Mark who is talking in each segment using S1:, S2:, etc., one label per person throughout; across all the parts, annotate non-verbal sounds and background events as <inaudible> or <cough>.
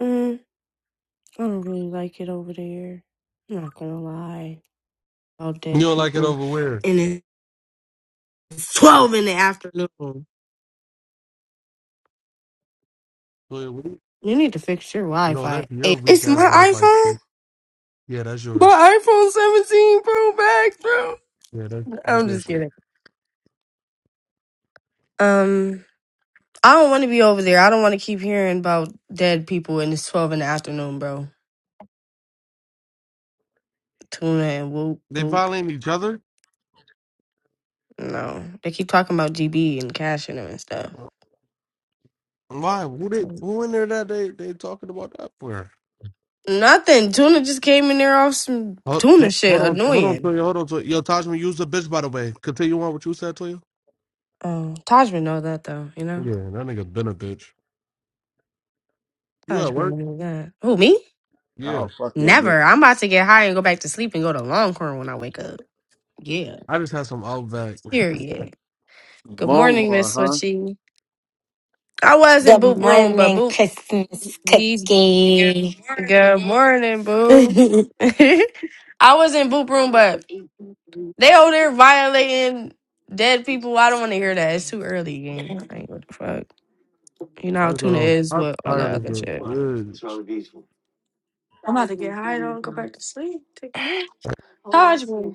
S1: Mm, I don't really like it over there. I'm not gonna lie. All
S2: You
S1: dead
S2: don't like it
S1: people.
S2: over where?
S1: And it's 12 in the afternoon.
S2: Where we-
S1: You need to fix your Wi
S2: No,
S1: Fi.
S2: that's your weak
S1: It's my
S2: ass wife. I
S1: iPhone?
S2: think. Yeah, that's yours.
S1: My iPhone 17 Pro Max, bro.
S2: Yeah, that's that's
S1: I'm
S2: your
S1: just
S2: shit.
S1: kidding. Um, I don't want to be over there. I don't want to keep hearing about dead people and it's 12 in the afternoon, bro. Tuna and whoop,
S2: They
S1: whoop.
S2: violating each other.
S1: No. They keep talking about GB and cashing them and stuff.
S2: Why? Who they? Who in there that they they talking about that for?
S1: Nothing. Tuna just came in there off some
S2: Hold,
S1: tuna
S2: hold hold
S1: shit.
S2: on, hold on,
S1: Annoying.
S2: Toya, hold on, Toya. Yo, Tajman, use a bitch. By the way, continue on what you said, Toya.
S1: Oh, Tajman know that though. You know,
S2: Yeah, that nigga been a bitch. You at
S1: Tajman
S2: work?
S1: know that. Who me?
S3: Oh
S2: Yeah.
S3: fuck your bitch.
S1: Never. I'm about to get high and go back to sleep and go to Longhorn when I wake up. Yeah.
S2: I just had some Outback. <laughs>
S1: Period. Good morning,
S3: Longhorn,
S1: Miss
S3: huh?
S1: Switchy. I was in
S4: Good
S1: Boop room, but
S4: morning,
S1: Boop.
S4: Christmas
S1: He's
S4: cookie.
S1: good morning, Boo.
S4: boo.
S1: <laughs> I was in Boop room, but they over there violating dead people. I don't want to hear that. It's too early, gang. Like what the fuck. You know how
S2: That's
S1: tuna
S2: going
S1: is
S2: I'm
S1: with all
S2: tired
S1: that
S2: of
S1: other
S2: this
S1: shit.
S2: bitch.
S1: I'm about to get high though and go back to sleep. Take a nap. Taj me.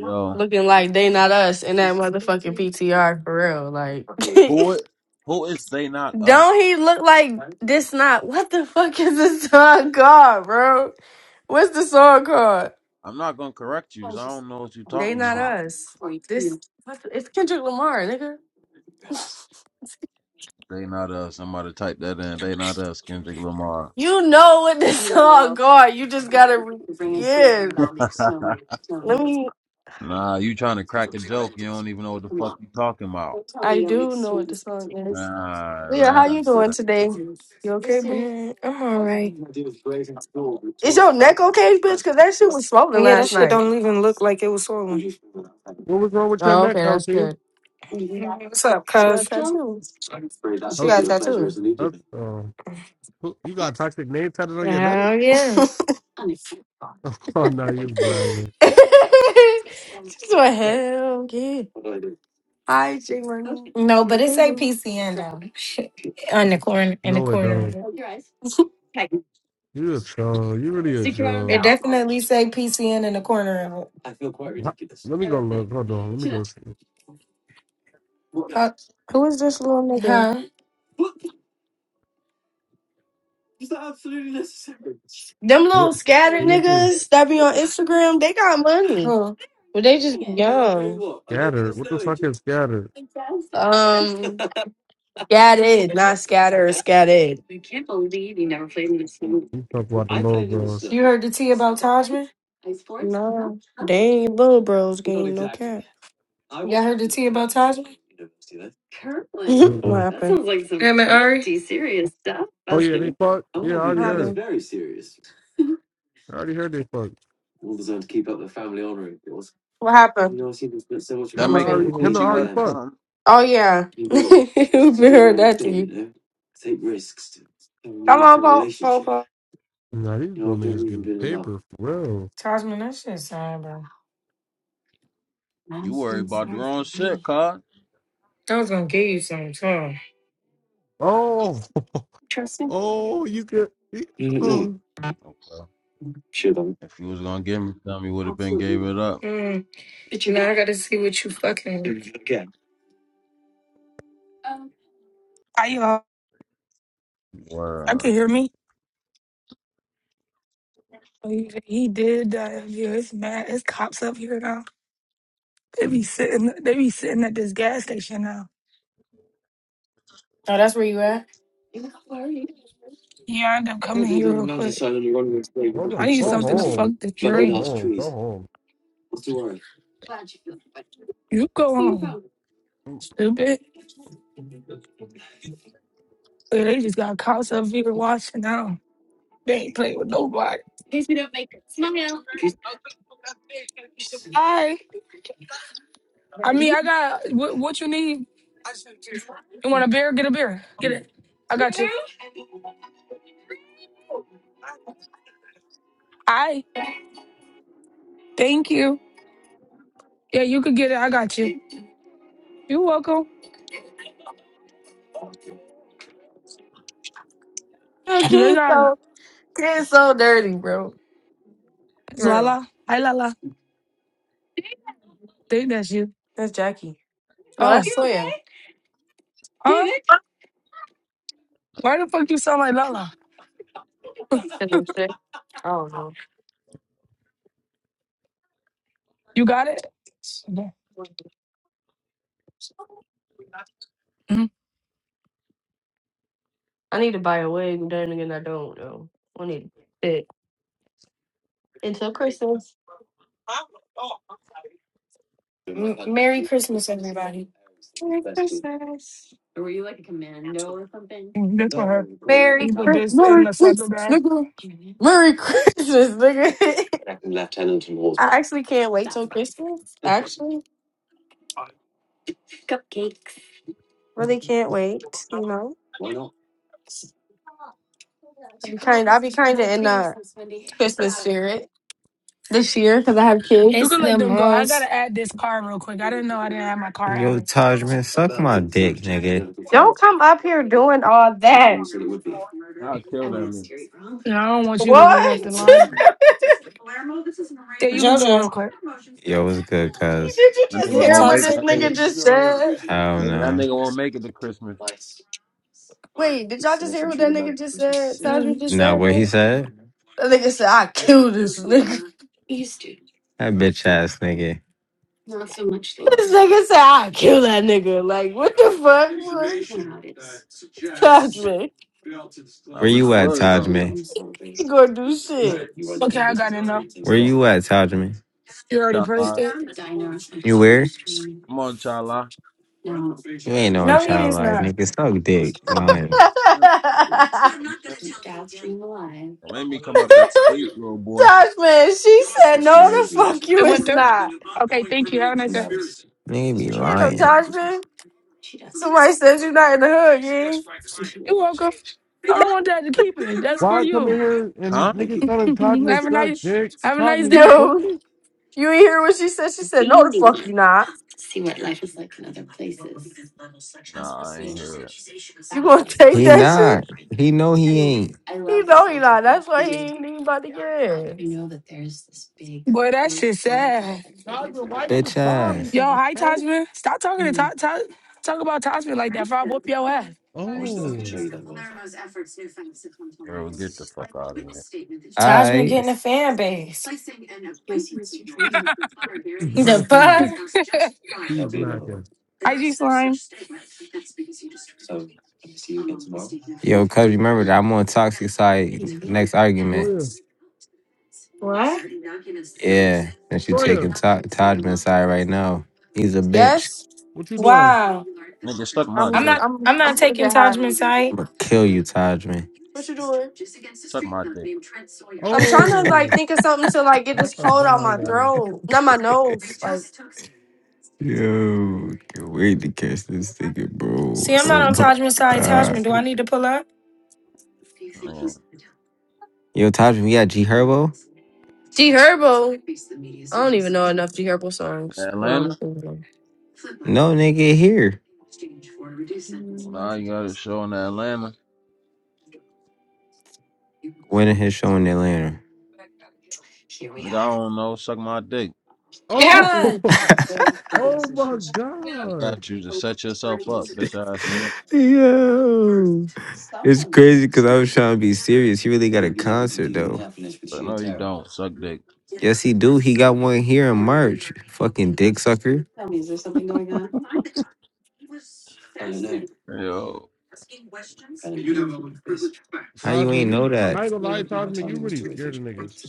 S3: Yo.
S1: Looking like they not us in that motherfucking PTR for real. Like,
S3: Who it? Who is they
S1: <laughs>
S3: not us?
S1: don't he look like this? Not what the fuck is this <laughs> song called, bro? What's the song called?
S3: I'm not gonna correct you because I don't know what you're
S1: They
S3: talking
S1: not
S3: about.
S1: us. This what the, it's Kendrick Lamar, nigga. <laughs>
S3: They not us. Somebody type that in. They not us. Kendrick Lamar.
S1: You know what the <laughs> song called. You just gotta, re- yeah. Let me.
S3: <laughs> nah, you trying to crack a joke? You don't even know what the fuck you talking about.
S1: I do know what the song is.
S3: Nah,
S1: Leah, how
S3: nah.
S1: you doing
S3: nah.
S1: today? You okay, boo?
S4: <laughs> I'm all right.
S1: Is your neck okay, bitch? Cause that shit was swollen
S4: Yeah, that
S1: last night.
S4: don't even look like it was swollen.
S2: What was wrong with your
S1: Oh,
S2: neck,
S1: okay, that's
S2: LT?
S1: good.
S4: What's up,
S1: She got
S4: cuz?
S1: tattoos. She got
S2: LT?
S1: tattoo.
S2: That's, oh. Who- You got a toxic name tatted on your neck?
S4: Hell
S1: <laughs>
S4: yeah.
S1: She's
S2: <laughs> Oh no, you blind.
S1: like, hell yeah. Hi, J Money.
S4: No, but it
S1: Hey,
S4: say
S1: boo.
S4: PCN on the corner in the
S2: No, it
S4: corner
S2: don't.
S4: of it.
S2: You a troll. You really a troll.
S4: Definitely say PCN in the corner of it.
S2: Wha- Let me go look. Hold on. Let me go see.
S4: Uh,
S1: Who is this little nigga?
S4: huh?
S1: Them little
S2: What?
S1: scattered
S2: Let me see.
S1: niggas that be on Instagram, they got money.
S4: Who?
S1: But they just be young.
S2: Scattered. What the fuck is scattered?
S1: Um, scattered, not scatter, scattered.
S2: You talk about the low bros.
S4: Heard the tea about Tajman?
S1: No, they ain't Bull Bros game. No cap. <laughs> what
S2: Uh-uh.
S1: happened?
S2: Oh yeah, they fucked. Yeah, I already
S1: What
S2: heard.
S1: happened?
S2: I already heard they fucked.
S1: What happened? Oh
S3: That
S2: Him
S1: my
S2: and
S3: make your
S1: baby.
S2: Ari.
S1: here.
S2: Him and
S3: coochie wet
S2: Ari
S3: or
S2: fucked.
S3: something?
S1: Oh yeah, <laughs> we heard that to you. Come on, Popo. Po, po. po.
S2: Nah, these little niggas getting paper for real.
S4: Tajman, that shit sad, bro.
S3: You worry about the wrong shit, cuz.
S4: I was gonna give you some too.
S2: Oh, <laughs> oh, you get. Oh,
S3: Okay. If you was gonna give me something, you would have been gave it up.
S4: Mm, gotta see what you fucking.
S5: I uh, I could
S3: Word.
S5: hear me. He, he did that. Yeah, it's mad. It's cops up here now. They be sitting. They be sitting at this gas station now.
S4: Oh, that's where you at?
S5: Yeah, I end up coming here real quick.
S2: hold
S5: I
S2: on.
S5: need
S2: Go
S5: something to fuck
S2: home.
S5: the
S2: Go
S5: drink.
S2: home. Go home.
S5: You go home, stupid. Yeah, they just got cops up here watching now. They ain't playing with nobody. Hi. I mean, I got what, what you need. You want a beer? Get a beer. Get it. I got you. I thank you. Yeah, you could get it. I got you. You are welcome.
S1: Yo,
S5: Do they
S1: Kids
S5: got it?
S1: so kids so dirty, bro.
S5: It's
S1: For Real.
S5: Lala. Hi, Lala. Think that's you.
S1: That's Jackie. No,
S5: Oh,
S1: that's Soya.
S5: huh? Why the fuck you sound like Lala?
S1: That's some shit. I don't know.
S5: You got it? Yeah. Mhm.
S1: I need to buy a wig. Then again, I don't though. I need it until Christmas. Merry Christmas.
S5: This for her.
S1: Merry
S5: You put
S1: Christ-
S5: this in
S1: Merry
S5: the saddle
S1: Christmas,
S5: bag.
S1: nigga. Merry Christmas, nigga. <laughs> I actually can't wait till Christmas. Actually, really can't wait. You know, I'll be kind. I'll be kind of in the Christmas spirit this year because I have
S5: You
S1: kids.
S4: It's
S5: can let
S4: the
S5: them go. I
S4: most.
S5: gotta add this car real quick. I didn't know I didn't have my car
S6: Yo,
S5: added.
S6: Taj, man, suck my dick, nigga.
S1: Don't come up here doing all that.
S3: I'll kill that nigga.
S5: And I don't want you to wait up
S1: What?
S5: the line.
S1: <laughs>
S5: Yeah, you can go real
S4: JoJo.
S5: quick.
S6: Yo, what's good, cuz?
S1: did you
S3: That
S1: just
S4: You
S3: nigga
S4: were
S1: hear
S3: won't
S1: what
S3: make
S1: this
S4: toxic?
S3: that nigga.
S1: nigga just said?
S6: Hell
S3: Nigga, that
S6: no.
S3: nigga won't make it to Christmas.
S1: Wait, did y'all just hear what that nigga just said? Tajman just
S6: Now,
S1: said.
S6: what he
S1: Bro?
S6: said?
S1: That nigga said, "I killed this nigga."
S6: That bitch ass nigga.
S3: Uh,
S1: This nigga said, I'll kill that nigga. Like, what the fuck? Tajman,
S3: I
S6: Where
S3: really
S6: you at,
S3: was
S6: Taj,
S3: though.
S6: man?
S1: he gonna do shit.
S5: Okay, I got it now.
S6: Where you at, Taj, man?
S5: You already priced
S3: Chala.
S5: it.
S6: You where?
S3: Come on, Chala.
S6: You ain't no
S4: No,
S6: child
S4: he's
S6: life,
S4: not.
S6: nigga. Suck dick.
S1: <laughs>
S6: Lying.
S3: Yeah, man. Don't make me come up that street, little boy.
S1: Tajman, she said, no, the fuck
S5: It
S1: you
S5: went
S1: is
S5: through.
S1: not.
S5: Okay, thank you. Have a nice day.
S6: Nigga be
S1: Damn,
S6: lying.
S1: Tajman, somebody said you not in the hood, gang.
S5: You're welcome. I don't want that to keep it. That's
S2: Why
S5: for
S2: I come
S5: you.
S2: in here and
S3: Huh?
S2: niggas
S5: <laughs>
S2: telling Cosmo
S5: have a nice
S2: sucks, Derek?
S5: have a nice
S2: Cosmo,
S1: <laughs>
S2: you
S5: day.
S1: Yo,
S2: pussy?
S1: you ain't hear what she said? She said, no, the fuck you not.
S3: Nah, I ain't hear it.
S1: You gonna <laughs> take
S6: He
S1: that shit?
S6: not. He know he ain't.
S1: He know he not. That's why he ain't even about to get in.
S5: Boy, that shit sad.
S2: Cosmo, why
S6: Bitch
S2: niggas calling
S6: ass.
S5: Yo,
S2: me?
S5: hi
S2: Okay?
S5: Tajman. Stop talking to talk, talk, talk about Tajman like that, for I whoop your ass.
S2: Oh. <laughs>
S3: Yo, get the fuck out of here.
S4: Tajman
S6: Alright.
S4: getting a fan base. The
S2: No, she,
S4: fuck?
S2: she blacking.
S5: IG Slime.
S6: Yo, cuz remember that I'm on toxic side next argument.
S2: Toya,
S6: Yeah. Since you
S2: Toya,
S6: taking to- Todman's side right now. He's a bitch.
S1: Yes,
S2: what you doing?
S4: Wow.
S3: Nigga, suck my
S4: I'm
S1: I'm,
S3: dick.
S4: not.
S1: I'm,
S4: I'm
S1: I'm
S4: not
S1: about to get
S4: taking
S1: high.
S4: Tajman's side.
S6: I'ma kill you, Todman. <laughs>
S1: What you doing?
S3: Suck my dick.
S1: I'm trying to
S2: Oh,
S1: like think of something to like get
S2: yeah,
S1: this cold out my
S3: Alright,
S2: violator.
S1: throat, not my nose. Like
S6: Yo, can't wait to catch this ticket, bro.
S4: See, I'm not
S6: Oh
S4: on
S6: my
S4: Tajman's side.
S6: god.
S4: Tajman, do I need to pull up?
S3: man.
S6: Yo, Todman, we got G Herbo?
S1: D Herbo. I don't even know enough D Herbo songs. Well, I'm
S3: Atlanta?
S1: thinking. of.
S6: No nigga here
S1: Mm,
S3: Nah, you got a show in Atlanta.
S6: winning his show in Atlanta.
S3: Nigga, I don't know. Suck my dick.
S2: Oh,
S4: Yeah.
S1: mm-mm.
S2: <laughs> oh my
S3: I
S2: God.
S3: got you to set yourself up, bitch ass nigga.
S6: Yo, it's crazy because I was trying to be serious. He really got a concert though.
S3: But no, you don't. Suck dick.
S6: Yes, he do. He got one here in March. Fucking dick sucker.
S3: Yo.
S6: How you
S2: Cosmo,
S6: ain't
S2: you,
S6: know that?
S2: I ain't gonna lie, Cosmo, you really scared of niggas.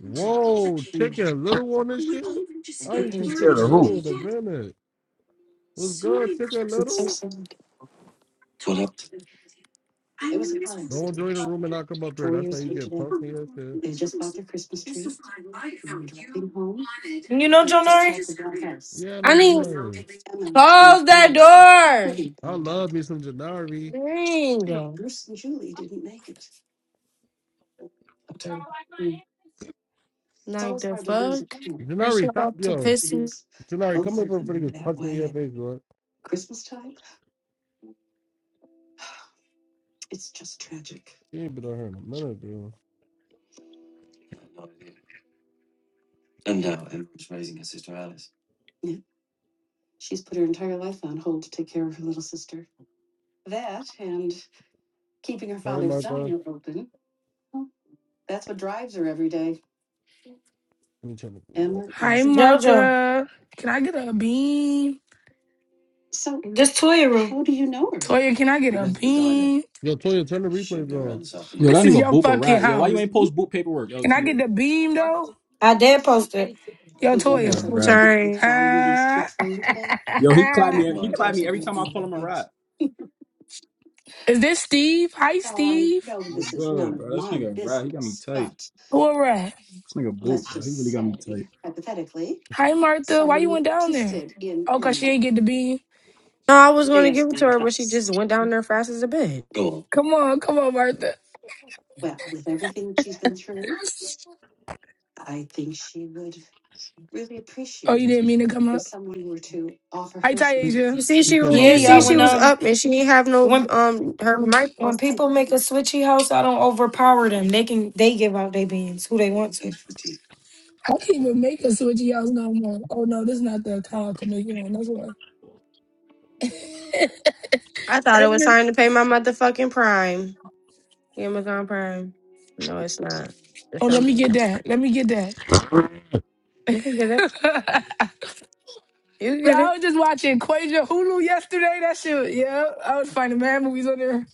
S2: Whoa, Chicken Little on this shit? I didn't see
S3: Scared of
S2: Chicken
S3: who?
S2: Little in a minute. What's good, Chicken Little? Don't join the room and not come up here. That's how you get punched in your shit.
S4: You know,
S2: Yeah, I
S1: I
S2: know
S1: need
S2: Janari.
S1: close that door.
S2: I love me some Janari.
S1: Dang. Like the fuck? That
S2: Janari,
S1: shit
S2: stop,
S1: about to
S2: yo.
S1: piss me.
S2: Janari, come over for niggas punch me in your face, bro. She ain't been on here in a minute, bro. Hey, Martha. Let me turn the cool off.
S5: Hi
S4: JoJo,
S5: Martha. Can I get a beam?
S4: this Twitter room.
S5: Toya, can I get a beam?
S2: Yo, Toya, turn the replays off.
S7: Yo,
S5: This
S7: that
S5: is
S7: nigga
S5: your
S7: boop a
S5: fucking
S7: rat. Yo, why you
S5: house.
S7: ain't post boop paperwork,
S5: Can I
S7: LT?
S5: get the beam though?
S4: I did post it.
S5: Yo,
S7: That nigga
S5: Toya.
S7: a
S1: I'm
S7: rat.
S1: sorry.
S5: Huh?
S7: Yo, he clapped
S5: <laughs>
S7: me. He clapped me every time I call him a rat.
S5: is this Steve? Hi Steve.
S7: What's good, bro? This nigga a rat. He got me tight.
S5: Who a rat?
S7: This nigga boop, bro. He really got me tight.
S5: Hi Martha. Why you went down there? Oh, cause she ain't get the beam.
S1: No, I was gonna give it to her, but she just went down there fast as a bitch.
S5: Come on, come on, Martha. <laughs> Oh, you didn't mean to come up. Hi
S2: He,
S5: Taisha.
S1: You see,
S2: he
S1: she
S2: came
S1: was.
S2: out
S1: You
S2: because
S4: Yeah,
S1: see,
S2: I
S1: she
S4: when
S1: was
S2: invited.
S4: um,
S1: up, and she ain't have no
S4: when
S1: um her mic. on.
S4: when people make a switchy house, I don't overpower them. They can they give out their beans who they want
S5: I can't even make a switchy house no more. Oh no, this is not the account to make one. on. That's why.
S1: I
S5: <laughs>
S1: thought it was
S5: Every-
S1: time to pay my motherfucking Prime, Amazon Prime. No, it's not.
S5: oh, let me
S1: December.
S5: get that. Let me get that.
S1: You can get it.
S5: <laughs>
S1: You can
S5: Bro,
S1: get
S5: I
S1: it.
S5: was just watching Quasia Hulu yesterday. That shit, yeah. I was finding mad movies on there.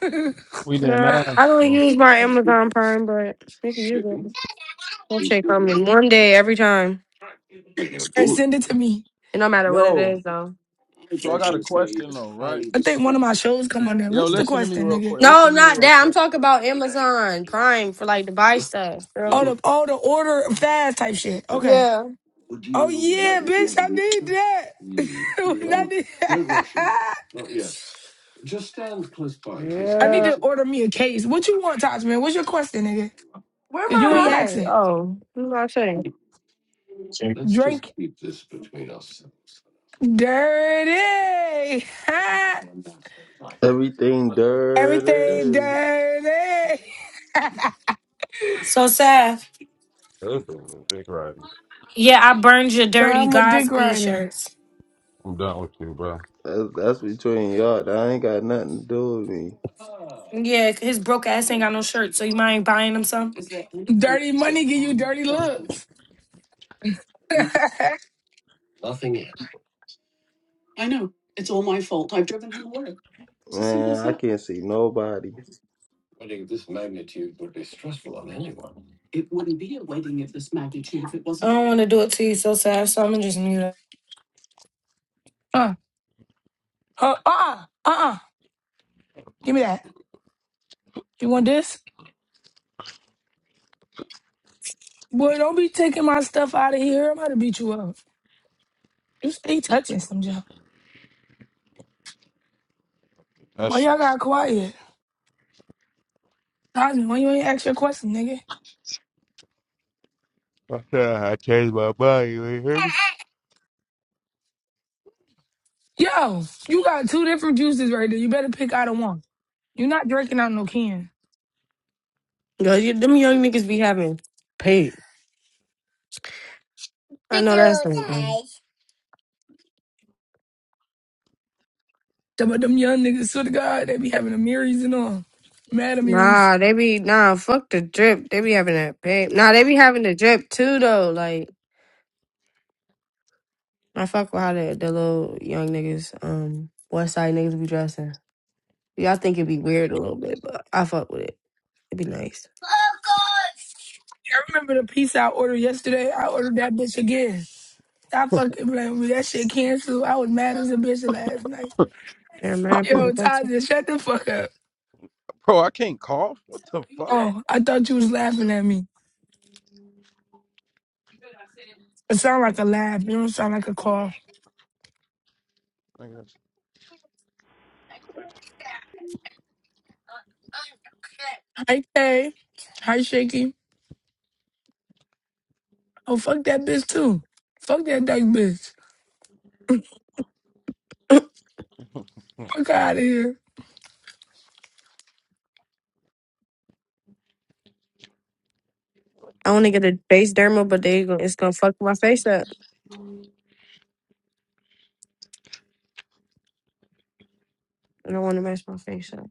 S5: <laughs>
S3: We didn't
S1: No, I
S3: ask,
S1: don't
S3: though.
S1: use my Amazon Prime, but you can use it. I'll check on me one day every time.
S5: and send it to me.
S1: It no matter what it
S3: Yo.
S1: is though.
S3: So I got a question though, right?
S5: I think one of my shows come on there.
S3: Yo,
S5: What's the
S3: listen to me
S5: question,
S3: real
S5: nigga?
S3: quick.
S1: No,
S3: Listen to me
S1: not
S3: real
S1: that. I'm
S3: quick.
S1: talking about Amazon Prime for like to buy stuff, girl.
S5: Oh,
S3: Yo,
S5: the oh the order fast type shit. Okay.
S1: Yeah.
S5: Oh yeah, bitch, I need that. <laughs> I
S1: Where,
S5: need
S2: him.
S5: <laughs> I need
S2: Yeah.
S5: to order me a case. What you want, Taj man? What's your question, nigga?
S1: where am
S5: Cause you ain't
S1: I high?
S5: asking.
S1: Oh, I'm not saying.
S5: Drink dirty.
S8: Everything
S5: <laughs> Everything
S8: dirty.
S5: dirty.
S4: to. So Saf,
S3: listen, Big Rodney.
S4: Yeah, I burned your
S5: Nah,
S4: dirty
S5: I'm a dick
S4: Godspeed
S5: rider.
S4: shirts.
S3: I'm done with you, bro.
S8: That's, that's between y'all. That ain't got nothing to do with me.
S4: Yeah, his broke ass ain't got no shirt, so you mind buying him some?
S5: Dirty money give you dirty looks. <laughs>
S8: Man, I can't see nobody.
S4: I want to do it to you so sad, so I'm gonna just mute up.
S5: uh, uh, uh, uh, uh. Give me that. You want this? Boy, don't be taking my stuff out of here. I'm about to beat you up. You stay touching some junk. Why
S3: that's
S5: y'all got quiet? Cosme, why you ain't ask your question, nigga?
S3: <laughs> I I changed my mind. You ain't hear me?
S5: Yo, you got two different juices right there. You better pick out of one. You're not drinking out no can.
S1: Girl, you, them young niggas be having paid. I know that's not
S3: bro.
S1: them.
S5: Talking about them young niggas, swear to God, they be having Amiris and all. Mad Amiris.
S1: Nah, they be nah. Fuck the drip. They be having that paid. Nah, they be having the drip too though. Like I fuck with how the, the little young niggas, um, West Side niggas be dressing. Y'all think it be weird a little bit, but I fuck with it. It'd be nice.
S5: I remember the pizza I ordered yesterday. I ordered that bitch again. I fucking blame me. That shit canceled. I was mad as a bitch last night.
S1: There are mad
S5: Yo,
S1: people texting.
S5: Taza, shut the fuck up.
S3: I can't cough. What the fuck?
S5: Oh, I thought you was laughing at me. It sound like a laugh. It don't sound like a call.
S3: Nigga.
S5: Hi, Kay. Hi, Shaky. Oh, fuck that bitch, too. Fuck that dyke bitch. Fuck out of here.
S1: I want to get a base dermal, but they gon- it's gonna fuck my face up. I don't want to mess my face up.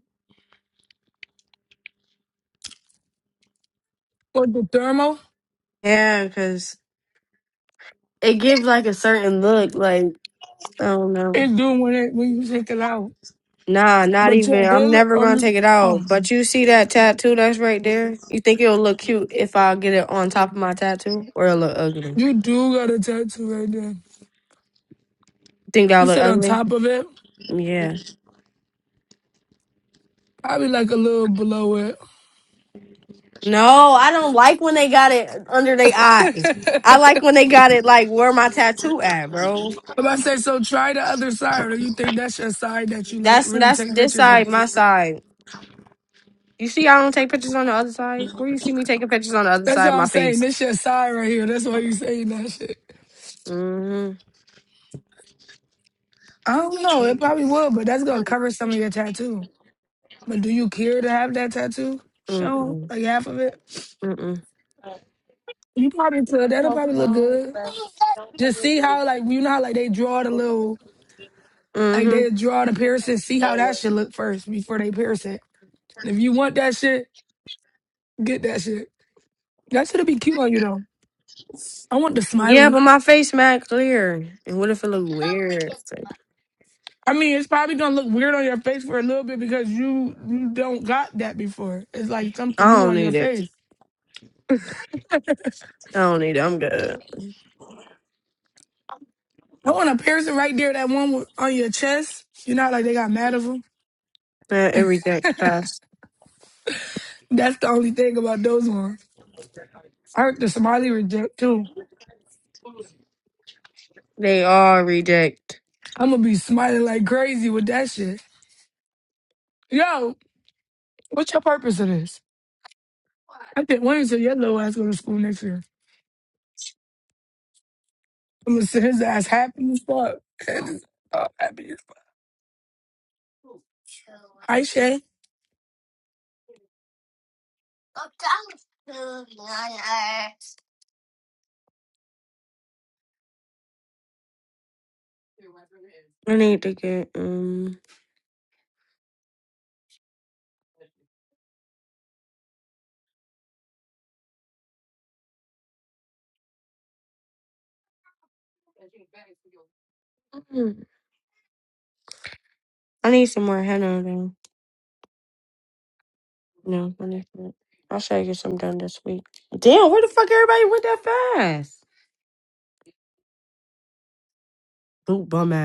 S5: What, the thermal?
S1: Yeah, cause it gives like a certain look. Like I don't know.
S5: It doing when, it, when you take it out.
S1: Nah, not
S5: But your
S1: even. I'm
S5: healer,
S1: never
S5: oh,
S1: gonna
S5: you,
S1: take it out.
S5: oh.
S1: But you see that tattoo that's right there? You think it'll look cute if I get it on top of my tattoo, or it'll look ugly?
S5: You do got a tattoo right there.
S1: Think
S5: You
S1: that'll look
S5: said on
S1: ugly?
S5: top of it,
S1: Yeah.
S5: probably like a little below it.
S1: No, I don't like when they got it under their eye. I like when they got it like where my tattoo at, bro.
S5: <laughs> but I say, so try the other side. Or you think that's your side that you like
S1: That's
S5: really
S1: that's
S5: take
S1: this
S5: pictures on?
S1: side, my side. You see, I don't take pictures on the other side. Where you see me taking pictures on the other
S5: That's
S1: side
S5: what
S1: of
S5: I'm
S1: my
S5: saying.
S1: face?
S5: This your side right here. That's why you saying that shit.
S1: Mm
S5: I don't know. It probably would, but that's gonna cover some of your tattoo. But do you care to have that tattoo
S1: hmm.
S5: shown,
S1: Mm
S5: like half of it?
S1: mm.
S5: You probably could. That'll probably look good. Just see how, like, you know how, like, they draw the little,
S1: Mm
S5: like, they
S1: hmm.
S5: draw the piercing. See how that should look first before they pierce it. If you want that shit, get that shit. That shit'll be cute on you though. I want the
S1: Yeah,
S5: smiley.
S1: but my face mad clear. And what if it look weird? It's like,
S5: I mean, it's probably gonna look weird on your face for a little bit because you you don't got that before. It's like
S1: I
S5: something new
S1: don't
S5: on your
S1: need it.
S5: face.
S1: I don't need it. I'm good.
S5: I want a piercing right there, that one with- on your chest. You know, how, like they got mad of them.
S1: Uh, it reject fast.
S5: That's the only thing about those ones. I heard the smiley reject too.
S1: They all reject.
S5: I'm gonna be smiling like crazy with that shit. Yo, what's your purpose of this? I think Wayne said your little ass go to school next year. I'm gonna send his ass happy as fuck. <laughs> Oh, happy. Hi, Shay.
S1: I need to get um. mm. I need some more henna though. No, I need some. I'll try to get some done this week. Damn, where the fuck everybody went that fast? Boot bum ass.